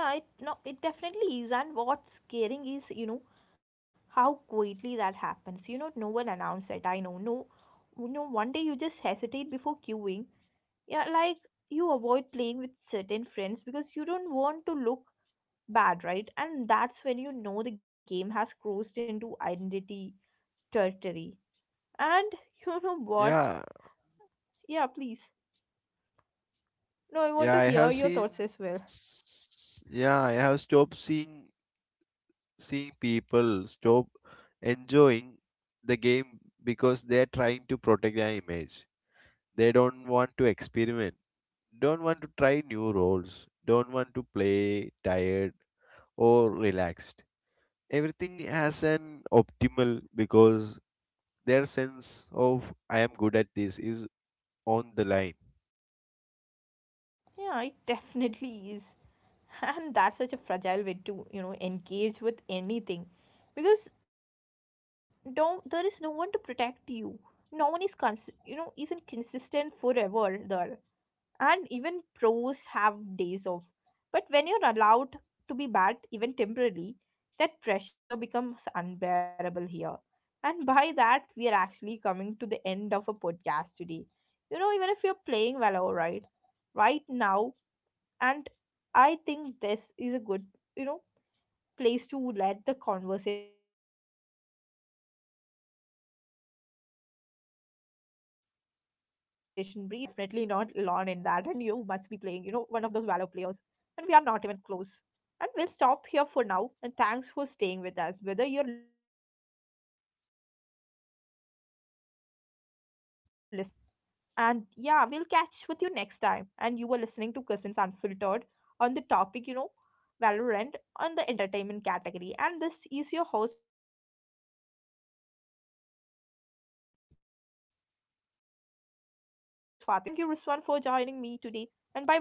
S1: Yeah, it no, it definitely is. And what's scaring is, you know, how quietly that happens. You know, no one announced it. I know. No, you know, one day you just hesitate before queuing. Yeah, like you avoid playing with certain friends because you don't want to look bad, right? And that's when you know the game has crossed into identity territory. And (laughs) you know what?
S2: Yeah,
S1: Yeah, please. No, I want
S2: yeah,
S1: to
S2: I
S1: hear
S2: have
S1: your
S2: seen.
S1: thoughts as well.
S2: Yeah, I have stopped seeing see people stop enjoying the game because they're trying to protect their image. They don't want to experiment, don't want to try new roles, don't want to play tired or relaxed. Everything has an optimal because their sense of I am good at this is on the line.
S1: Yeah, it definitely is. And that's such a fragile way to, you know, engage with anything. Because don't there is no one to protect you. No one is cons you know, isn't consistent forever there. And even pros have days off but when you're allowed to be bad even temporarily, that pressure becomes unbearable here. And by that we are actually coming to the end of a podcast today, you know even if you're playing Valor right right now, and I think this is a good, you know place to let the conversation breathe. If you're listening and any part of this felt familiar, you're definitely not alone in that, and you must be playing, you know, one of those Valor players. And we are not even close. And we'll stop here for now. And thanks for staying with us. Whether you're listening from, you know, take care of yourself and yeah, we'll catch with you next time. And you were listening to Cousins Unfiltered on the topic, you know, Valorant on the entertainment category. And this is your host Fatima signing off. And with me today is Riswan. And thank you, Riswan, for joining me today. And bye bye, guys. See you in the next episode.